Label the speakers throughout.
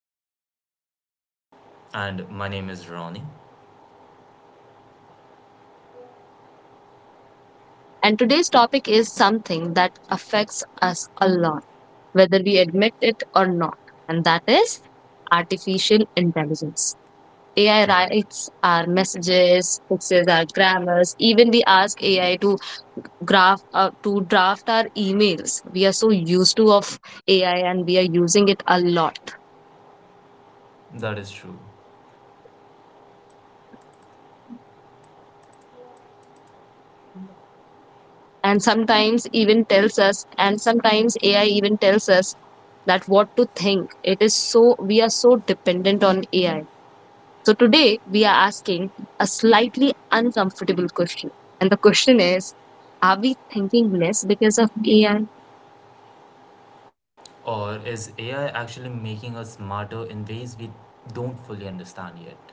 Speaker 1: back to our podcast. My name is Nishi,
Speaker 2: And my name is Ronnie.
Speaker 1: and today's topic is something that affects us a lot, whether we admit it or not, and that is artificial intelligence. AI
Speaker 2: Right,
Speaker 1: writes our messages, fixes our grammars, even we ask AI to graph to draft our emails. We are so used to of AI and we are using it a lot.
Speaker 2: that is true.
Speaker 1: And sometimes AI even tells us that what to think. We are so dependent on AI. So today we are asking a slightly uncomfortable question. And the question is, are we thinking less because of AI?
Speaker 2: Or is AI actually making us smarter in ways we don't fully understand yet?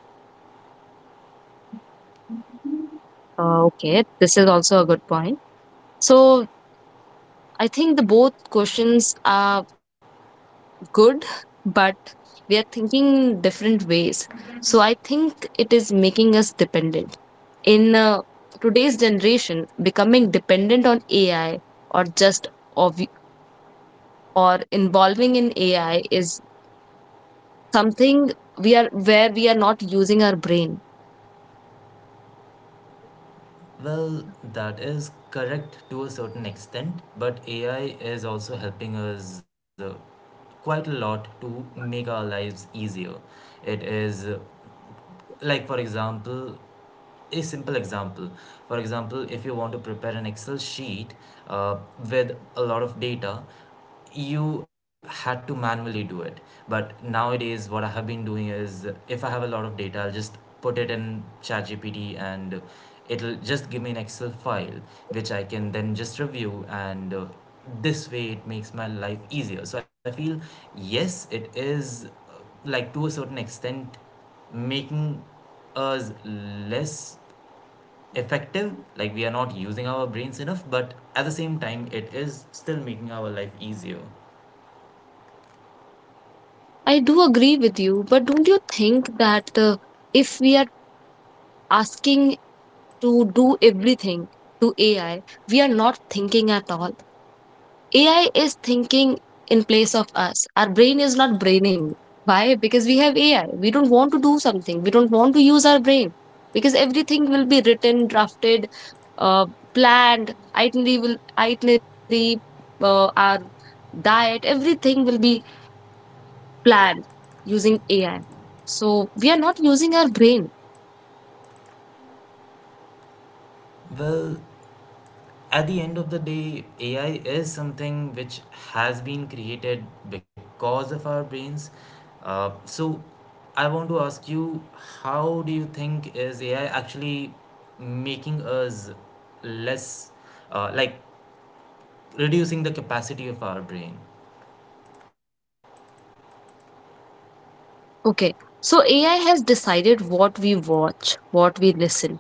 Speaker 1: Okay, this is also a good point. So I think the both questions are good, but we are thinking different ways. So I think it is making us dependent. In today's generation, becoming dependent on AI or just ob- or involving in AI is something we are where we are not using our brain.
Speaker 2: Well, that is correct to a certain extent, but AI is also helping us quite a lot to make our lives easier. It is like, for example, a simple example, for example if you want to prepare an excel sheet uh, with a lot of data. You had to manually do it, but nowadays what I have been doing is, if I have a lot of data, I'll just put it in ChatGPT and it'll just give me an excel file, which I can then just review, and this way it makes my life easier. So I feel, yes, it is, like, to a certain extent making us less effective, like we are not using our brains enough, but at the same time it is still making our life easier.
Speaker 1: I do agree with you, but don't you think that if we are asking to do everything to AI, we are not thinking at all. AI is thinking in place of us. Our brain is not braining. Why? Because we have AI. We don't want to do something. We don't want to use our brain because everything will be written, drafted, uh, planned itinerary will itinerary our diet everything will be planned using AI so we are not using our brain.
Speaker 2: Well, at the end of the day AI is something which has been created because of our brains, so I want to ask you, how do you think is AI actually making us less, like, reducing the capacity of our brain?
Speaker 1: Okay, so AI has decided what we watch, what we listen,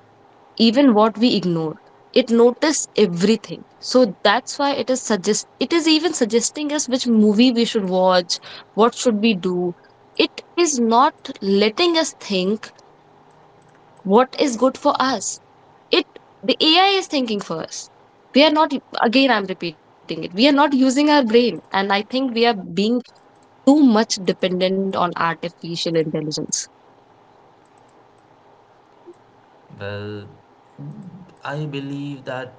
Speaker 1: even what we ignore. It notice everything. So that's why it is even suggesting us which movie we should watch, what should we do. It is not letting us think what is good for us. It the AI is thinking for us. We are not, again, I'm repeating it, we are not using our brain. And I think we are being too much dependent on artificial intelligence.
Speaker 2: Well, I believe that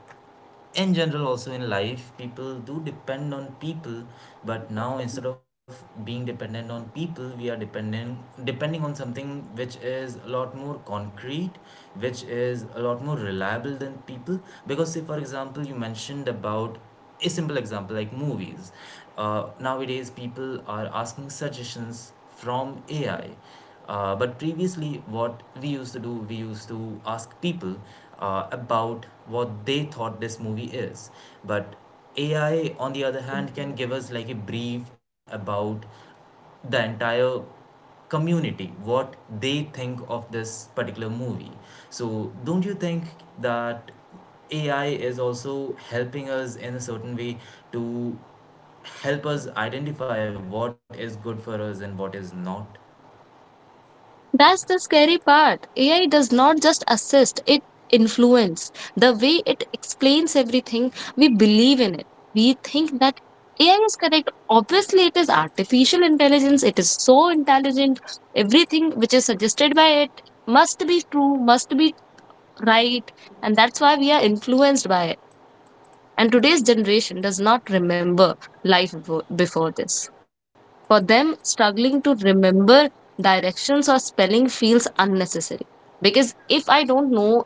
Speaker 2: in general, also in life, people do depend on people, but now instead of being dependent on people, we are dependent depending on something which is a lot more concrete, which is a lot more reliable than people. Because, say, for example, you mentioned about a simple example like movies. Nowadays people are asking suggestions from AI, but previously what we used to do, we used to ask people about what they thought this movie is. But AI, on the other hand, can give us like a brief about the entire community, what they think of this particular movie. So don't you think that AI is also helping us in a certain way to help us identify what is good for us and what is not?
Speaker 1: That's the scary part. AI does not just assist, it influence. The way it explains everything, we believe in it. We think that AI is correct. Obviously, it is artificial intelligence. It is so intelligent. Everything which is suggested by it must be true, must be right. And that's why we are influenced by it. And today's generation does not remember life before this. For them, struggling to remember directions or spelling feels unnecessary. Because if I don't know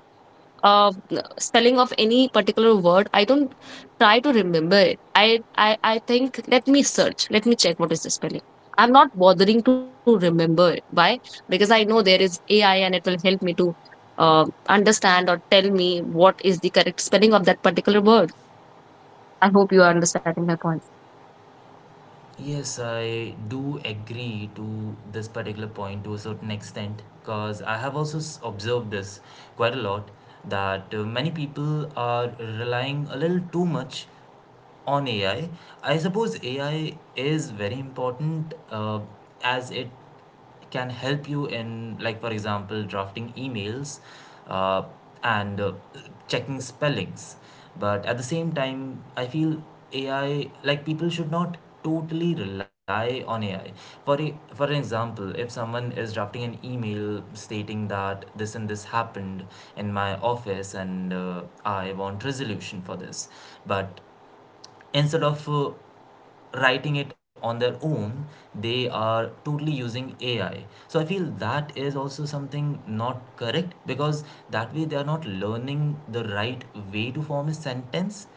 Speaker 1: uh, spelling of any particular word, I don't try to remember it. I think, let me search, let me check what is the spelling. I'm not bothering to remember it. Why? Because I know there is AI and it will help me to understand or tell me what is the correct spelling of that particular word. I hope you are understanding my point.
Speaker 2: Yes, I do agree to this particular point to a certain extent, because I have also observed this quite a lot, that many people are relying a little too much on AI. I suppose AI is very important, as it can help you in, like, for example, drafting emails, uh, and checking spellings. But at the same time, I feel AI, like, people should not totally rely on AI, for an example, if someone is drafting an email stating that this and this happened in my office, and I want resolution for this. But instead of writing it on their own, they are totally using AI. So I feel that is also something not correct, because that way they are not learning the right way to form a sentence.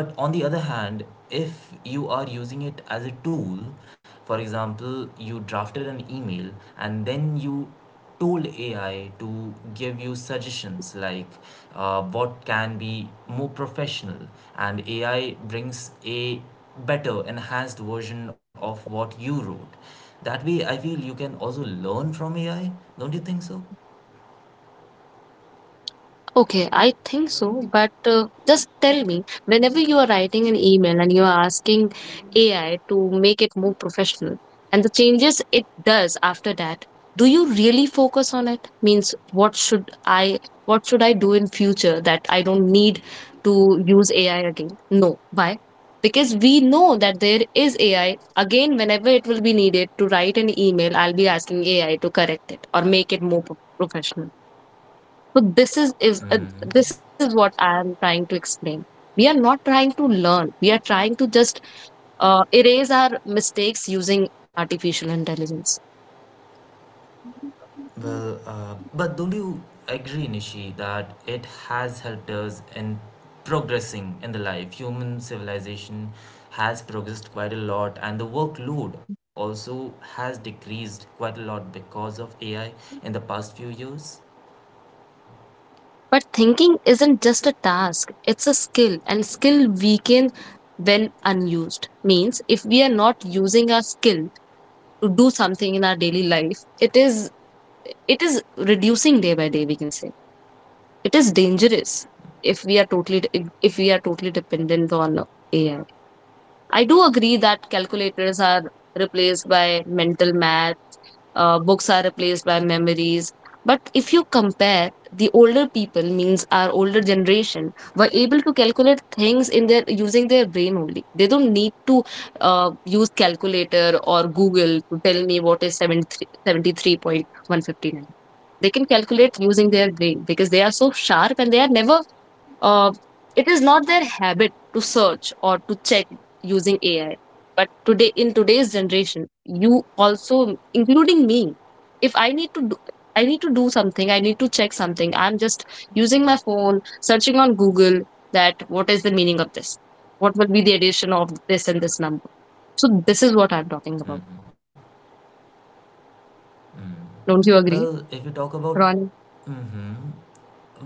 Speaker 2: But on the other hand, if you are using it as a tool, for example, you drafted an email and then you tool AI to give you suggestions like, what can be more professional, and AI brings a better, enhanced version of what you wrote. That way, I feel you can also learn from AI. Don't you think so?
Speaker 1: Okay, I think so, but just tell me, whenever you are writing an email and you are asking AI to make it more professional and the changes it does after that, do you really focus on it? Means what should I do in future that I don't need to use AI again? No. Why? Because we know that there is AI. Again, whenever it will be needed to write an email, I'll be asking AI to correct it or make it more professional. So this is what I am trying to explain. We are not trying to learn. We are trying to just erase our mistakes using artificial intelligence.
Speaker 2: Well, but don't you agree, Nishi, that it has helped us in progressing in the life? Human civilization has progressed quite a lot, and the workload also has decreased quite a lot because of AI in the past few years.
Speaker 1: But thinking isn't just a task, it's a skill, and skill weakens when unused. Means if we are not using our skill to do something in our daily life, it is reducing day by day, we can say. It is dangerous if we are totally if we are totally dependent on AI. I do agree that calculators are replaced by mental math, books are replaced by memories. But if you compare, the older people, means our older generation, were able to calculate things in their using their brain only. They don't need to use calculator or Google to tell me what is 73 73.159. They can calculate using their brain because they are so sharp and they are never, uh, it is not their habit to search or to check using AI. But today, in today's generation, you also, including me, if I need to do, I need to do something, I need to check something. I'm just using my phone, searching on Google that what is the meaning of this? What will be the addition of this and this number? So this is what I'm talking about. Don't you
Speaker 2: Well,
Speaker 1: agree,
Speaker 2: if you talk about,
Speaker 1: Ronnie?
Speaker 2: mm-hmm,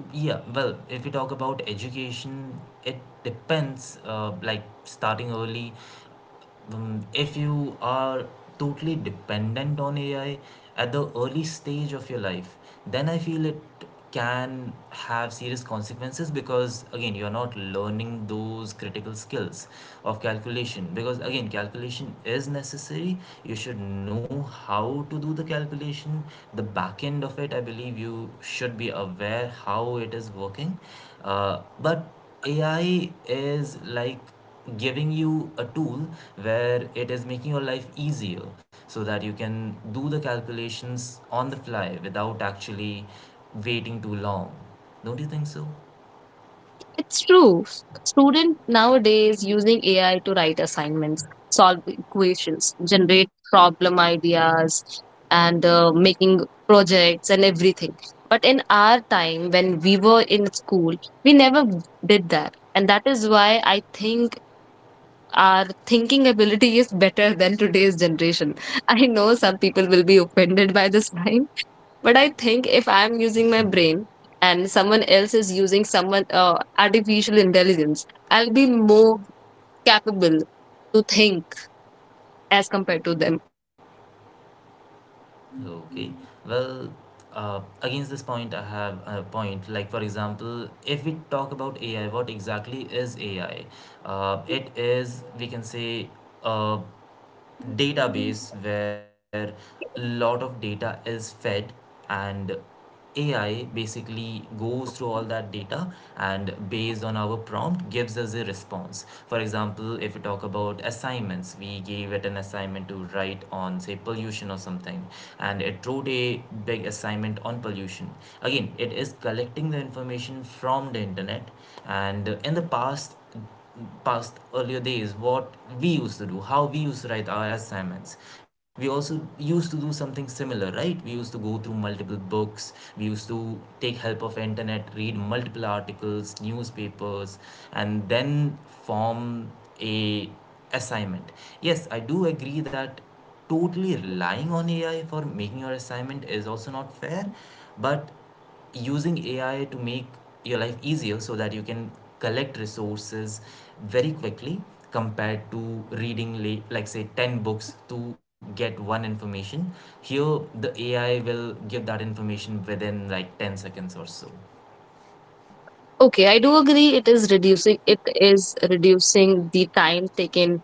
Speaker 2: yeah, well, if you talk about education, it depends, like, starting early, if you are totally dependent on AI at the early stage of your life, then I feel it can have serious consequences, because, again, you're not learning those critical skills of calculation, because again calculation is necessary. You should know how to do the calculation, the back end of it, I believe. You should be aware how it is working. But AI is like giving you a tool where it is making your life easier so that you can do the calculations on the fly without actually waiting too long. Don't you think so?
Speaker 1: It's true. Students nowadays using AI to write assignments, solve equations, generate problem ideas, and making projects and everything. But in our time, when we were in school, we never did that. And that is why I think our thinking ability is better than today's generation. I know some people will be offended by this line, but I think if I'm using my brain and someone else is using someone artificial intelligence, I'll be more capable to think as compared to them.
Speaker 2: Okay. Well, against this point, I have a point. Like, for example, if we talk about AI, what exactly is AI? It is, we can say, uh, database where a lot of data is fed, and AI basically goes through all that data and, based on our prompt, gives us a response. For example, if we talk about assignments, we gave it an assignment to write on, say, pollution or something, and it wrote a big assignment on pollution. Again, it is collecting the information from the internet, and in the past, earlier days, what we used to do, how we used to write our assignments, we also used to do something similar, right? We used to go through multiple books, we used to take help of internet, read multiple articles, newspapers, and then form a assignment. Yes, I do agree that totally relying on AI for making your assignment is also not fair, but using AI to make your life easier, so that you can collect resources very quickly, compared to reading late, like say 10 books to get one information. Here the AI will give that information within like 10 seconds or so.
Speaker 1: Okay, I do agree it is reducing the time taken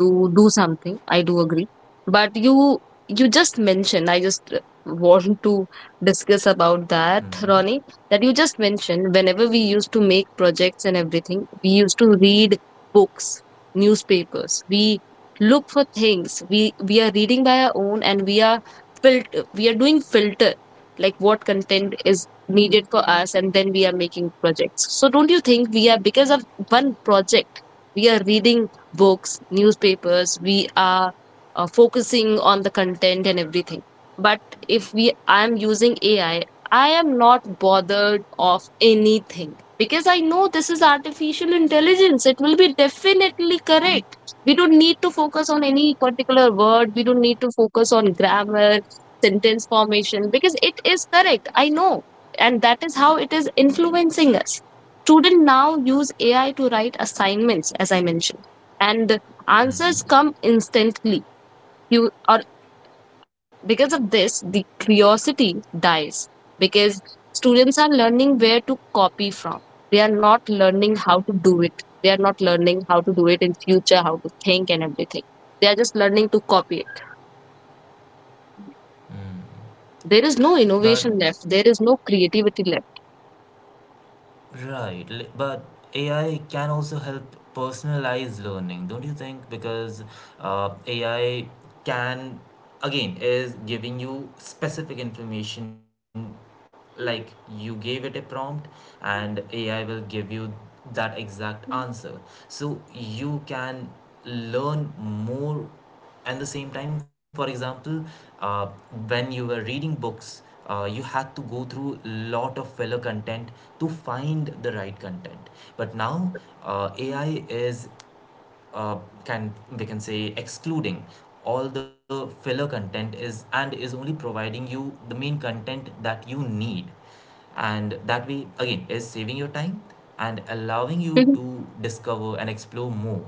Speaker 1: to do something. I do agree. But you just mentioned, I just want to discuss about that, Ronnie, that you just mentioned whenever we used to make projects and everything, we used to read books, newspapers. We look for things. We are reading by our own and we are doing filter like what content is needed for us and then we are making projects. So don't you think we are because of one project we are reading books, newspapers, we are focusing on the content and everything. But if we I'm using AI, I am not bothered of anything because I know this is artificial intelligence. It will be definitely correct. We don't need to focus on any particular word. We don't need to focus on grammar, sentence formation because it is correct. I know. And that is how it is influencing us. Students now use AI to write assignments, as I mentioned, and the answers come instantly, you or because of this the curiosity dies because students are learning where to copy from. They are not learning how to do it. They are not learning how to do it in future, how to think and everything. They are just learning to copy it. There is no
Speaker 2: But
Speaker 1: innovation left. There is no creativity left.
Speaker 2: Right, li- but AI can also help personalize learning, don't you think? Because, AI can, again, is giving you specific information, like you gave it a prompt and AI will give you that exact answer. So you can learn more, and the same time, for example, uh, when you were reading books, you had to go through lot of fellow content to find the right content. But now, AI is, uh, can, we can say, excluding all the filler content is, and is only providing you the main content that you need, and that way again is saving your time and allowing you to discover and explore more.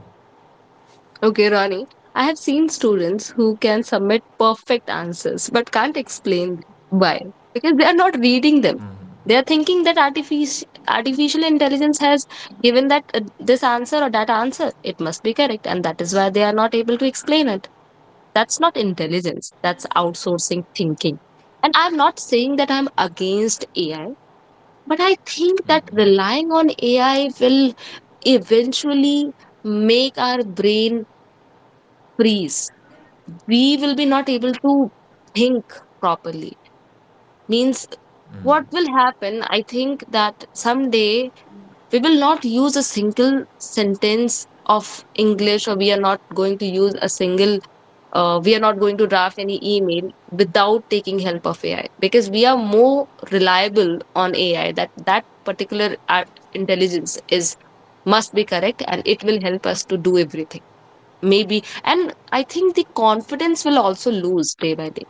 Speaker 1: Okay, Ronnie. I have seen students who can submit perfect answers but can't explain why because they are not reading them. They are thinking that artificial intelligence has given that this answer or that answer. It must be correct, and that is why they are not able to explain it. That's not intelligence. That's outsourcing thinking. And I'm not saying that I'm against AI, but I think that relying on AI will eventually make our brain freeze. We will be not able to think properly. Means what will happen, I think that someday we will not use a single sentence of English, or we are not going to use a single, we are not going to draft any email without taking help of AI because we are more reliable on AI that that particular art intelligence is must be correct and it will help us to do everything maybe. And I think the confidence will also lose day by day.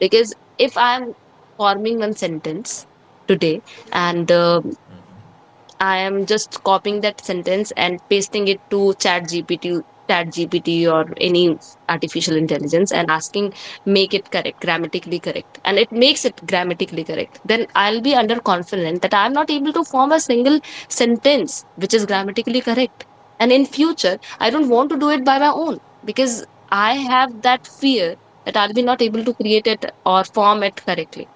Speaker 1: Because if I am forming one sentence today and I am just copying that sentence and pasting it to Chat GPT or any artificial intelligence and asking, make it correct, grammatically correct. And it makes it grammatically correct. Then I'll be under confident that I'm not able to form a single sentence which is grammatically correct. And in future, I don't want to do it by my own because I have that fear that I'll be not able to create it or form it correctly.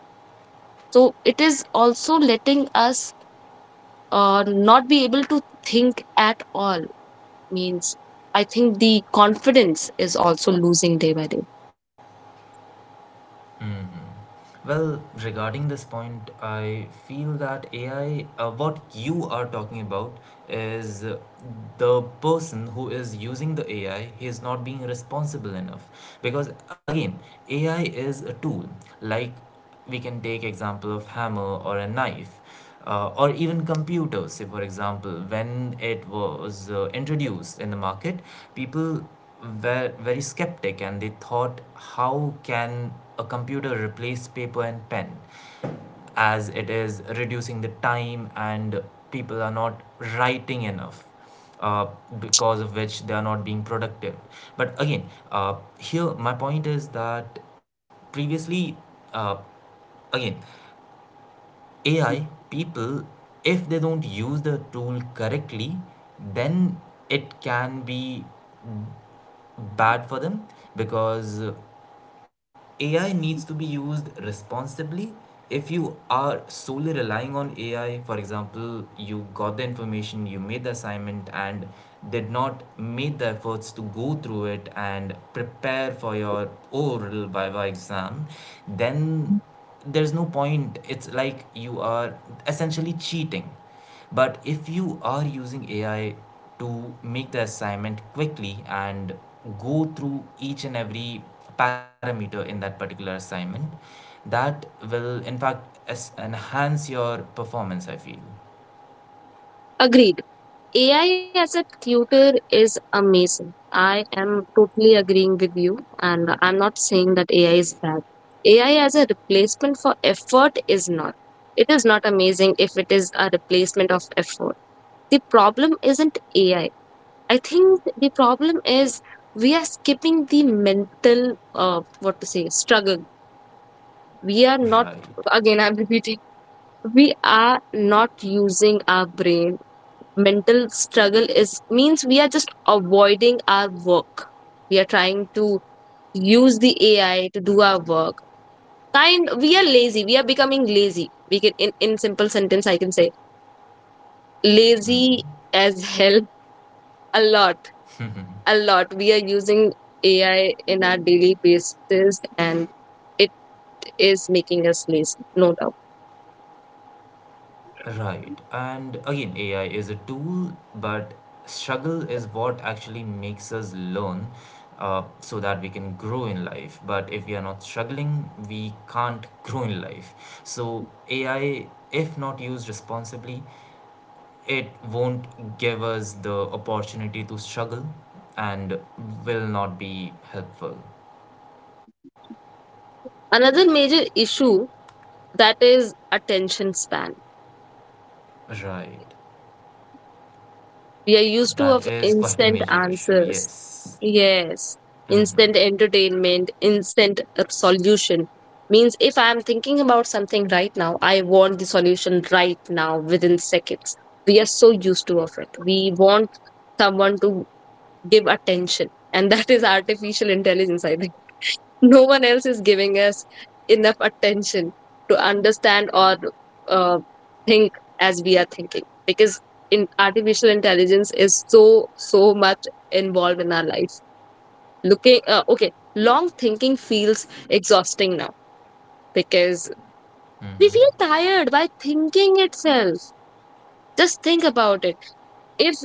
Speaker 1: So it is also letting us not be able to think at all means I think the confidence is also losing day by day.
Speaker 2: Well, regarding this point, I feel that AI, what you are talking about is, the person who is using the AI, he is not being responsible enough. Because, again, AI is a tool. Like, we can take example of hammer or a knife, or even computers. Say, for example, when it was introduced in the market, people were very skeptic and they thought, how can a computer replace paper and pen, as it is reducing the time, and people are not writing enough, uh, because of which they are not being productive. But again, here my point is that previously, uh, again, AI, people, if they don't use the tool correctly, then it can be bad for them, because AI needs to be used responsibly. If you are solely relying on AI, for example, you got the information, you made the assignment, and did not make the efforts to go through it and prepare for your oral Viva exam, then there's no point. It's like you are essentially cheating. But if you are using AI to make the assignment quickly and go through each and every parameter in that particular assignment, that will in fact enhance your performance, I feel.
Speaker 1: Agreed. AI as a tutor is amazing. I am totally agreeing with you, and I'm not saying that AI is bad. AI as a replacement for effort is not. It is not amazing if it is a replacement of effort. The problem isn't AI. I think the problem is we are skipping the mental, what to say, struggle. We are not—
Speaker 2: Right.
Speaker 1: again I'm repeating we are not using our brain. Mental struggle is means we are just avoiding our work. We are trying to use the AI to do our work kind. We are lazy, we are becoming lazy, we can— in simple sentence I can say lazy as hell. A lot, a lot we are using AI in our daily basis, and it is making us lazy, no doubt.
Speaker 2: Right. And, again, AI is a tool, but struggle is what actually makes us learn, so that we can grow in life. But if we are not struggling, we can't grow in life. So, AI, if not used responsibly, it won't give us the opportunity to struggle and will not be helpful.
Speaker 1: Another major issue, that is attention span.
Speaker 2: Right.
Speaker 1: We are used to
Speaker 2: That
Speaker 1: of
Speaker 2: is quite a
Speaker 1: instant
Speaker 2: major issue,
Speaker 1: answers.
Speaker 2: yes.
Speaker 1: Yes, instant entertainment, instant solution. Means if I am thinking about something right now, I want the solution right now within seconds. We are so used to of it. We want someone to give attention, and that is artificial intelligence, I think. No one else is giving us enough attention to understand or uh, think as we are thinking, because in artificial intelligence is so so much involved in our life. Looking, okay, long thinking feels exhausting now, because
Speaker 2: Hmm.
Speaker 1: we feel tired by thinking itself. Just think about it. If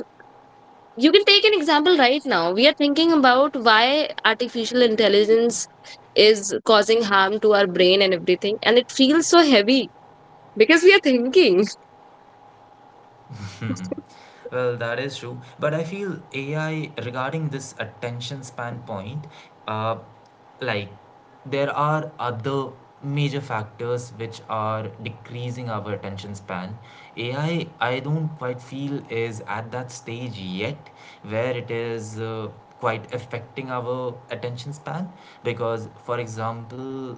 Speaker 1: you can take an example right now, we are thinking about why artificial intelligence is causing harm to our brain and everything, and it feels so heavy because we are thinking.
Speaker 2: Well, that is true. But I feel AI regarding this attention span point, uh, like, there are other major factors which are decreasing our attention span. AI, I don't quite feel is at that stage yet where it is. Quite affecting our attention span, because for example,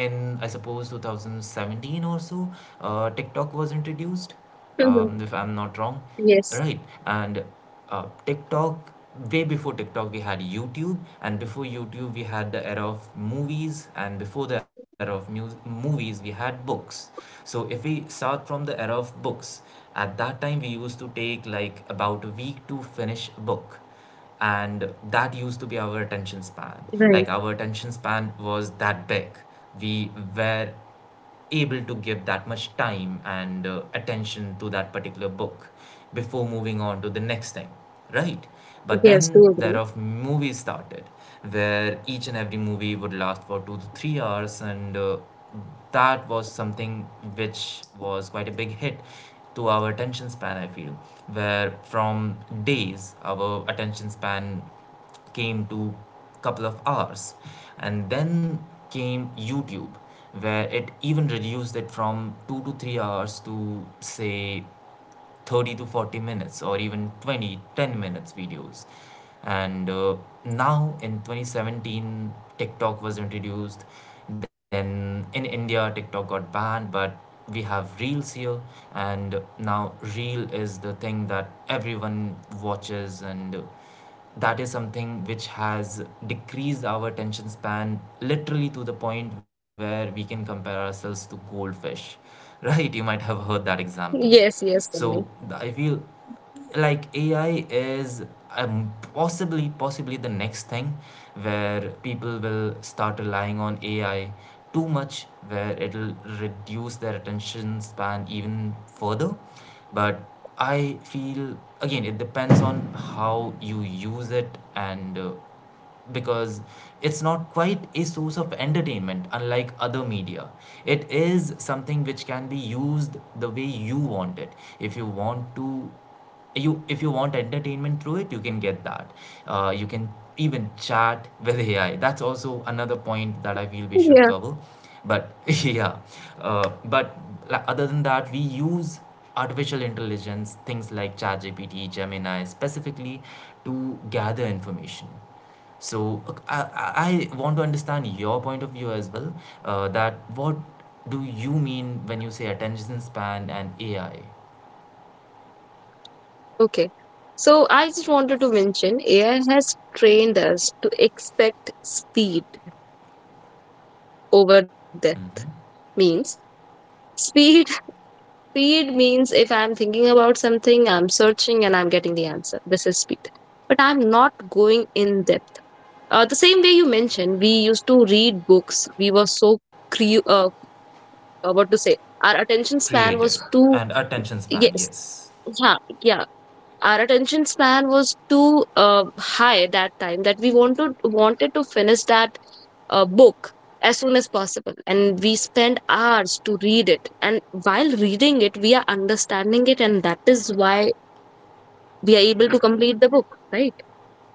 Speaker 2: in I suppose 2017 or so, tiktok was introduced, if I'm not wrong,
Speaker 1: Yes,
Speaker 2: right? And, TikTok, way before TikTok, we had YouTube, and before YouTube, we had the era of movies, and before the era of movies, we had books. So if we start from the era of books, at that time we used to take like about a week to finish a book, and that used to be our attention span.
Speaker 1: right.
Speaker 2: Like, our attention span was that big. We were able to give that much time and attention to that particular book before moving on to the next thing, right? But
Speaker 1: Yes, do
Speaker 2: then there
Speaker 1: agree.
Speaker 2: are movies started, where each and every movie would last for 2 to 3 hours. And that was something which was quite a big hit to our attention span, I feel, where from days our attention span came to couple of hours. And then came YouTube, where it even reduced it from 2 to 3 hours to, say, 30 to 40 minutes or even 20 10 minutes videos. And now in 2017, TikTok was introduced. Then in India TikTok got banned, but we have reels here. And now reel is the thing that everyone watches. And that is something which has decreased our attention span literally to the point where we can compare ourselves to goldfish. Right, you might have heard that example.
Speaker 1: Yes, yes, Sunny.
Speaker 2: I feel like AI is possibly the next thing where people will start relying on AI too much, where it'll reduce their attention span even further. But I feel, again, it depends on how you use it. And because it's not quite a source of entertainment unlike other media, it is something which can be used the way you want it. If you want to, you if you want entertainment through it, you can get that. You can even chat with AI. That's also another point that I feel we should cover. But yeah, but, like, other than that we use artificial intelligence things like ChatGPT, Gemini specifically, to gather information. So I want to understand your point of view as well. That what do you mean when you say attention span and AI?
Speaker 1: Okay. So I just wanted to mention AI has trained us to expect speed over depth. Means speed, speed means if I'm thinking about something, I'm searching and I'm getting the answer. This is speed. But I'm not going in depth. The same way you mentioned, we used to read books. We were so cre- uh, what to say? Our attention
Speaker 2: Creative,
Speaker 1: span was
Speaker 2: and
Speaker 1: too—
Speaker 2: attention span,
Speaker 1: yes,
Speaker 2: yes.
Speaker 1: yeah, yeah. Our attention span was too high that time, that we wanted to finish that book as soon as possible, and we spend hours to read it, and while reading it we are understanding it, and that is why we are able to complete the book, right?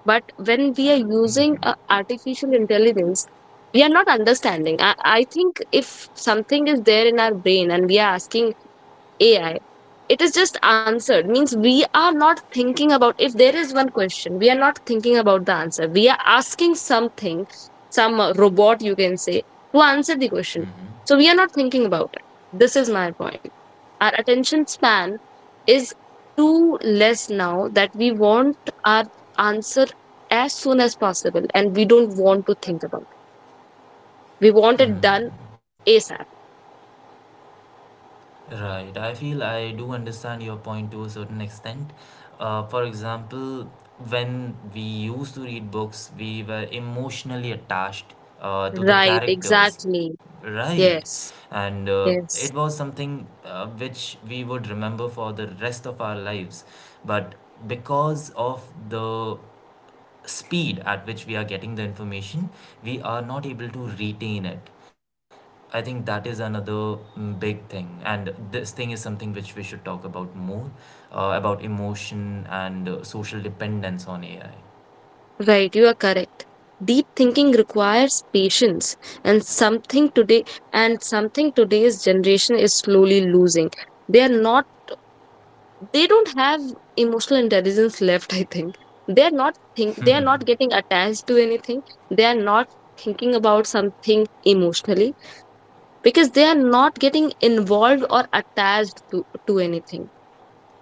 Speaker 1: But when we are using artificial intelligence, we are not understanding. I think if something is there in our brain and we are asking AI, it is just answered. Means we are not thinking about— if there is one question, we are not thinking about the answer. We are asking something, some robot, you can say, to answer the question. So we are not thinking about it. This is my point. Our attention span is too less now, that we want our answer as soon as possible and we don't want to think about it. We want it done ASAP.
Speaker 2: Right, I feel I do understand your point to a certain extent. For example, when we used to read books, we were emotionally attached to the
Speaker 1: Right,
Speaker 2: characters,
Speaker 1: exactly.
Speaker 2: right?
Speaker 1: Yes,
Speaker 2: And it
Speaker 1: yes.
Speaker 2: was something which we would remember for the rest of our lives. But because of the speed at which we are getting the information, we are not able to retain it. I think that is another big thing, and this thing is something which we should talk about more, about emotion and social dependence on AI.
Speaker 1: Right, you are correct. Deep thinking requires patience, and something today's generation is slowly losing. They are not— they don't have emotional intelligence left, I think. They are not getting attached to anything. They are not thinking about something emotionally, because they are not getting involved or attached to anything.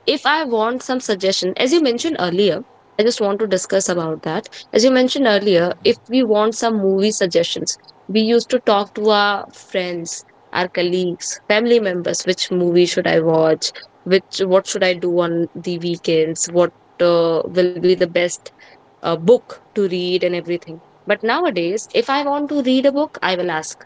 Speaker 1: If I want some suggestion, as you mentioned earlier, I just want to discuss about that. As you mentioned earlier, if we want some movie suggestions, we used to talk to our friends, our colleagues, family members— which movie should I watch, which what should I do on the weekends, what will be the best book to read, and everything. But nowadays, if I want to read a book, I will ask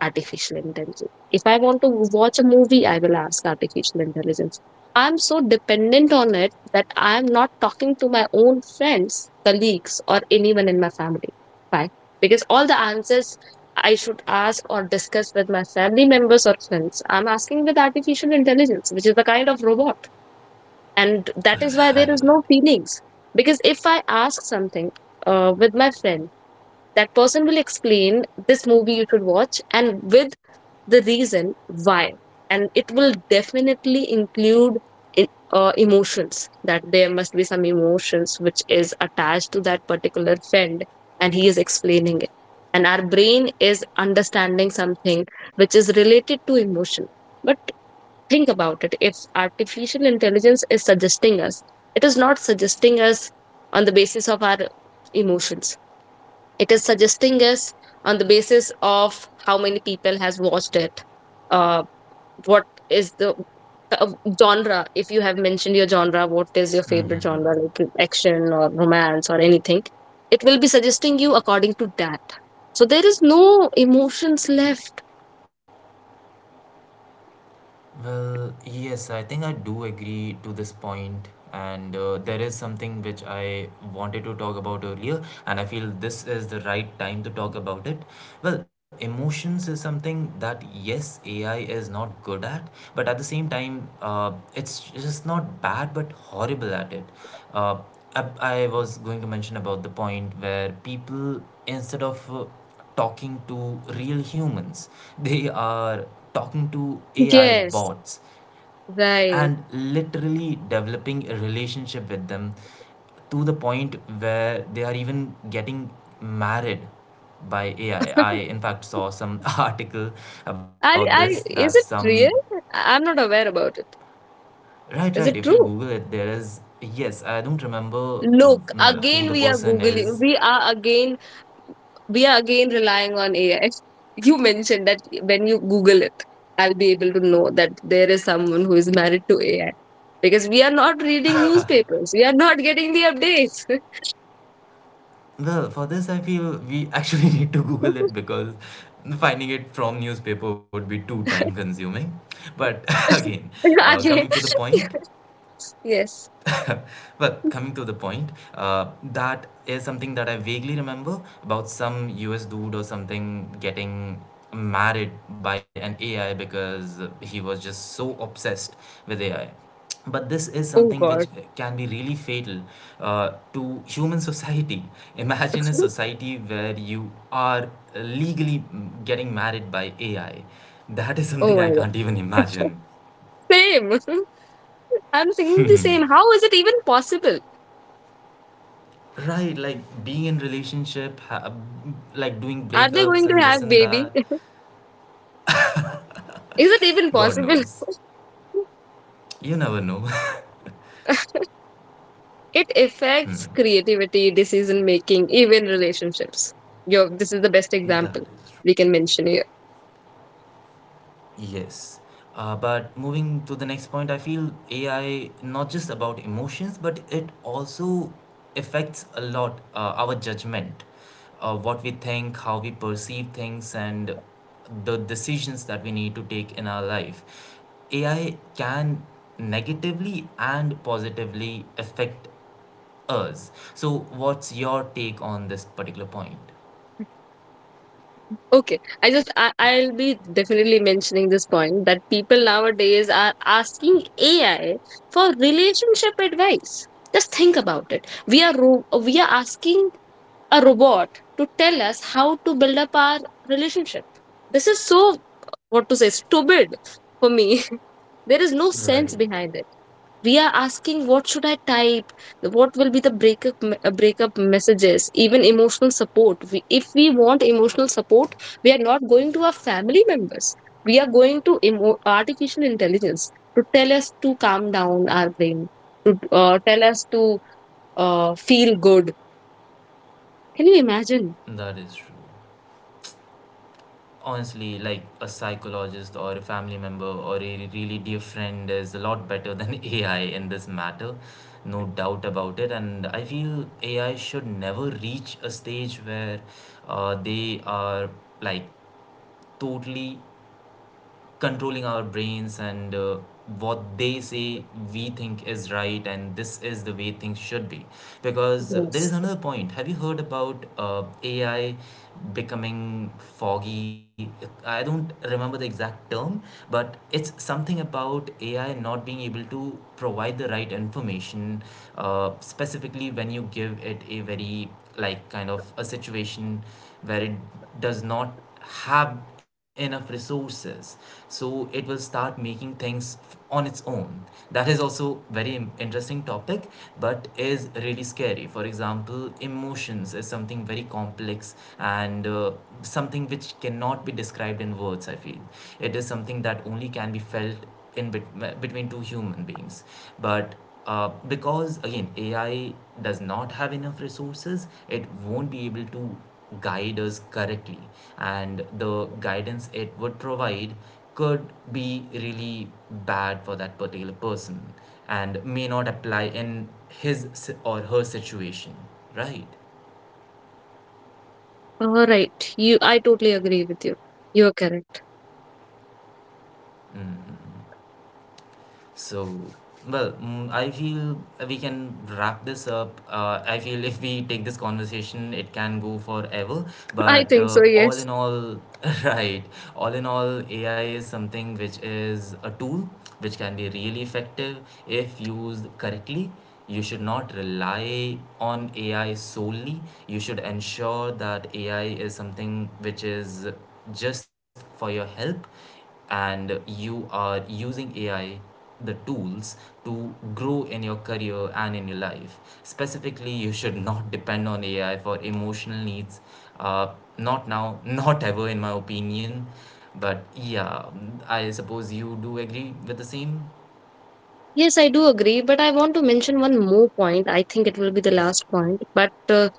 Speaker 1: artificial intelligence. If I want to watch a movie, I will ask artificial intelligence. I'm so dependent on it that I'm not talking to my own friends, colleagues, or anyone in my family. Why? Because all the answers I should ask or discuss with my family members or friends, I'm asking with artificial intelligence, which is the kind of robot. And that is why there is
Speaker 2: Right.
Speaker 1: no feelings. Because if I ask something with my friend, that person will explain this movie you should watch, and with the reason why, and it will definitely include emotions, that there must be some emotions which is attached to that particular friend, and he is explaining it, and our brain is understanding something which is related to emotion. But think about it, if artificial intelligence is suggesting us, it is not suggesting us on the basis of our emotions. It is suggesting us on the basis of how many people has watched it, uh, what is the uh, genre. If you have mentioned your genre, what is your favorite genre, like action or romance or anything, it will be suggesting you according to that. So there is no emotions left.
Speaker 2: Well, yes, I think I do agree to this point, and there is something which I wanted to talk about earlier, and I feel this is the right time to talk about it. Well, emotions is something that, yes, AI is not good at, but at the same time, it's just not bad but horrible at it. Uh, I was going to mention about the point where people, instead of talking to real humans, they are talking to AI
Speaker 1: Yes,
Speaker 2: bots
Speaker 1: right.
Speaker 2: and literally developing a relationship with them, to the point where they are even getting married by AI. In fact, saw some article about
Speaker 1: i
Speaker 2: this,
Speaker 1: i
Speaker 2: that
Speaker 1: is
Speaker 2: some
Speaker 1: it real? I'm not aware about it.
Speaker 2: right, right.
Speaker 1: Is it
Speaker 2: If you
Speaker 1: true?
Speaker 2: Google it, there is, yes. I don't remember
Speaker 1: Look,
Speaker 2: well, who the
Speaker 1: again we are
Speaker 2: person
Speaker 1: googling,
Speaker 2: is.
Speaker 1: we are again— we are again relying on AI. You mentioned that when you Google it, I'll be able to know that there is someone who is married to AI, because we are not reading newspapers. We are not getting the updates.
Speaker 2: Well, for this, I feel we actually need to Google it, because finding it from newspaper would be too time consuming. But again, coming
Speaker 1: Again,
Speaker 2: to the point,
Speaker 1: yes.
Speaker 2: well, coming to the point, that is something that I vaguely remember about some US dude or something getting married by an AI because he was just so obsessed with AI. But this is
Speaker 1: Oh
Speaker 2: something
Speaker 1: God.
Speaker 2: which can be really fatal to human society. Imagine a society where you are legally getting married by AI. That is
Speaker 1: Oh
Speaker 2: something I can't even
Speaker 1: my God.
Speaker 2: imagine.
Speaker 1: Same. I'm thinking the same. How is it even possible?
Speaker 2: Right, like being in relationship, like doing
Speaker 1: Are they going
Speaker 2: breakups
Speaker 1: to
Speaker 2: and this
Speaker 1: have
Speaker 2: and
Speaker 1: baby?
Speaker 2: that.
Speaker 1: Is it even
Speaker 2: God
Speaker 1: possible?
Speaker 2: knows. You never know.
Speaker 1: It affects creativity, decision making, even relationships. Yo, this is the best example
Speaker 2: That is true.
Speaker 1: we can mention here.
Speaker 2: Yes. But moving to the next point, I feel AI not just about emotions, but it also affects a lot our judgment, what we think, how we perceive things, and the decisions that we need to take in our life. AI can negatively and positively affect us. So, what's your take on this particular point?
Speaker 1: Okay, I'll be definitely mentioning this point, that people nowadays are asking AI for relationship advice. Just think about it. We are asking a robot to tell us how to build up our relationship. This is so, what to say, stupid for me. There is no
Speaker 2: Right.
Speaker 1: sense behind it. We are asking what should I type, what will be the breakup messages. Even emotional support— we, if we want emotional support, we are not going to our family members, we are going to artificial intelligence to tell us to calm down our brain, to tell us to feel good. Can you imagine?
Speaker 2: That is true. Honestly, like a psychologist or a family member or a really dear friend is a lot better than AI in this matter. No doubt about it. And I feel AI should never reach a stage where they are, like, totally controlling our brains and what they say we think is right and this is the way things should be. Because there is
Speaker 1: Yes,
Speaker 2: another point, have you heard about AI becoming foggy? I don't remember the exact term, but it's something about AI not being able to provide the right information, specifically when you give it a very, like, kind of a situation where it does not have enough resources, so it will start making things on its own. That is also very interesting topic, but is really scary. For example, emotions is something very complex, and something which cannot be described in words, I feel. It is something that only can be felt between two human beings. But because, again, AI does not have enough resources, it won't be able to guide us correctly, and the guidance it would provide could be really bad for that particular person, and may not apply in or her situation, right?
Speaker 1: all right, you— I totally agree with you. You're correct.
Speaker 2: So, well, I feel we can wrap this up. I feel if we take this conversation, it can go forever.
Speaker 1: I
Speaker 2: But
Speaker 1: think so,
Speaker 2: all
Speaker 1: yes.
Speaker 2: in all, right, all in all, AI is something which is a tool which can be really effective if used correctly. You should not rely on AI solely. You should ensure that AI is something which is just for your help, and you are using AI, the tools, to grow in your career and in your life. Specifically, you should not depend on AI for emotional needs. Not now, not ever, in my opinion. But yeah, I suppose you do agree with the same.
Speaker 1: Yes, I do agree, but I want to mention one more point. I think it will be the last point. But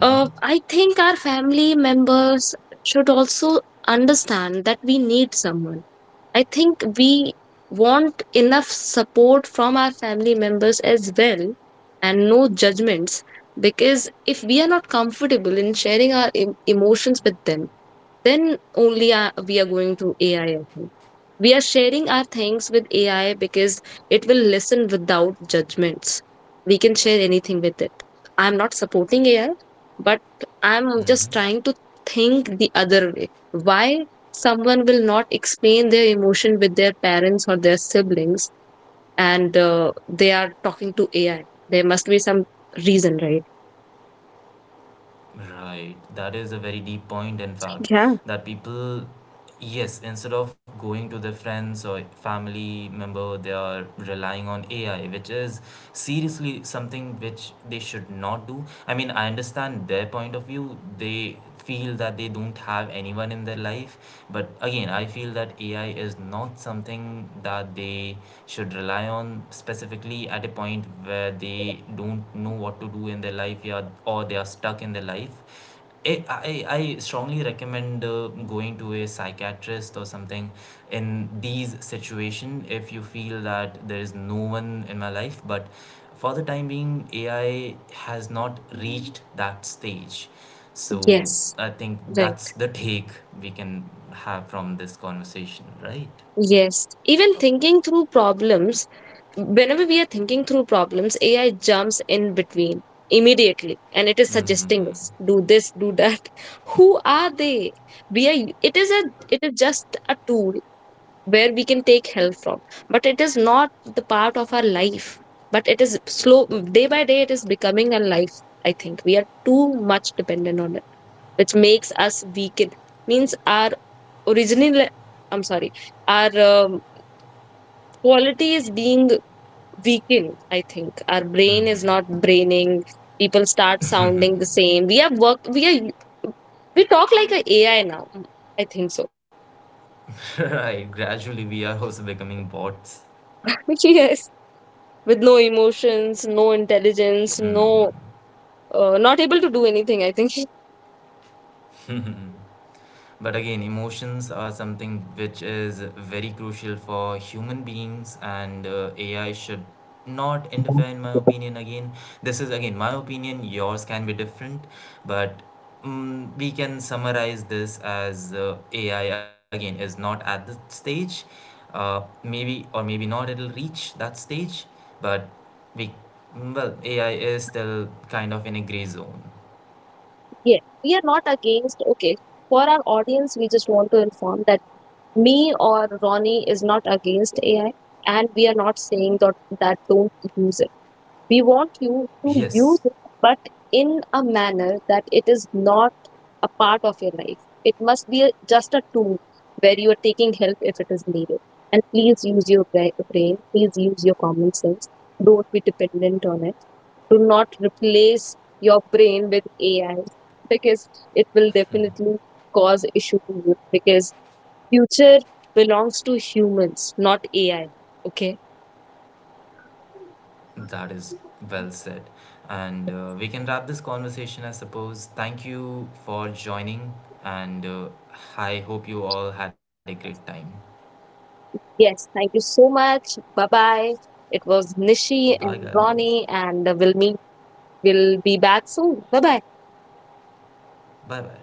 Speaker 1: I think our family members should also understand that we need someone. I think we want enough support from our family members as well, and no judgments, because if we are not comfortable in sharing our emotions with them, then only we are going to AI, I think. We are sharing our things with AI because it will listen without judgments. We can share anything with it. I'm not supporting AI, but I'm just
Speaker 2: Hmm.
Speaker 1: trying to think the other way. Why someone will not explain their emotion with their parents or their siblings, and they are talking to AI? There must be some reason, right?
Speaker 2: Right. That is a very deep point, in fact,
Speaker 1: Yeah,
Speaker 2: that people, yes, instead of going to their friends or family member, they are relying on AI, which is seriously something which they should not do. I mean, I understand their point of view. They feel that they don't have anyone in their life. But again, I feel that AI is not something that they should rely on, specifically at a point where they don't know what to do in their life, yeah, or they are stuck in their life. I strongly recommend going to a psychiatrist or something in these situation if you feel that there is no one in my life. But for the time being, AI has not reached that stage, so
Speaker 1: yes,
Speaker 2: I think
Speaker 1: right.
Speaker 2: that's the take we can have from this conversation, right?
Speaker 1: Yes. Even thinking through problems— whenever we are thinking through problems, AI jumps in between immediately and it is suggesting us do this, do that. Who are they? We are It is a— it is just a tool, where we can take help from, but it is not the part of our life. But it is slow, day by day it is becoming a life, I think. We are too much dependent on it, which makes us weaken. Means our original— I'm sorry, our quality is being weakened. I think our brain is not braining. People start sounding the same. We have work we are we talk like a AI now, I think so.
Speaker 2: Right. Gradually, we are also becoming bots.
Speaker 1: Yes, with no emotions, no intelligence, no not able to do anything, I think.
Speaker 2: But again, emotions are something which is very crucial for human beings, and AI should not interfere, in my opinion. Again, this is again my opinion, yours can be different, but we can summarize this as AI again is not at the stage, maybe or maybe not, it'll reach that stage, but we, well, AI is still kind of in a gray zone.
Speaker 1: Yeah, we are not against. Okay, for our audience, we just want to inform that me or Ronnie is not against AI, and we are not saying that don't use— we want you to use
Speaker 2: Yes.
Speaker 1: it, but in a manner that it is not a part of your life. It must be a, just a tool, where you are taking help if it is needed. And please use your brain, please use your common sense. Don't be dependent on it. Do not replace your brain with AI, because it will definitely cause issue to you, because future belongs to humans, not AI. Okay.
Speaker 2: That is well said. And we can wrap this conversation, I suppose. Thank you for joining, and I hope you all had a great time.
Speaker 1: Yes, thank you so much. Bye bye. It was Nishi
Speaker 2: Bye,
Speaker 1: and
Speaker 2: guys.
Speaker 1: Ronnie, and we'll meet. We'll be back soon. Bye bye.
Speaker 2: Bye bye.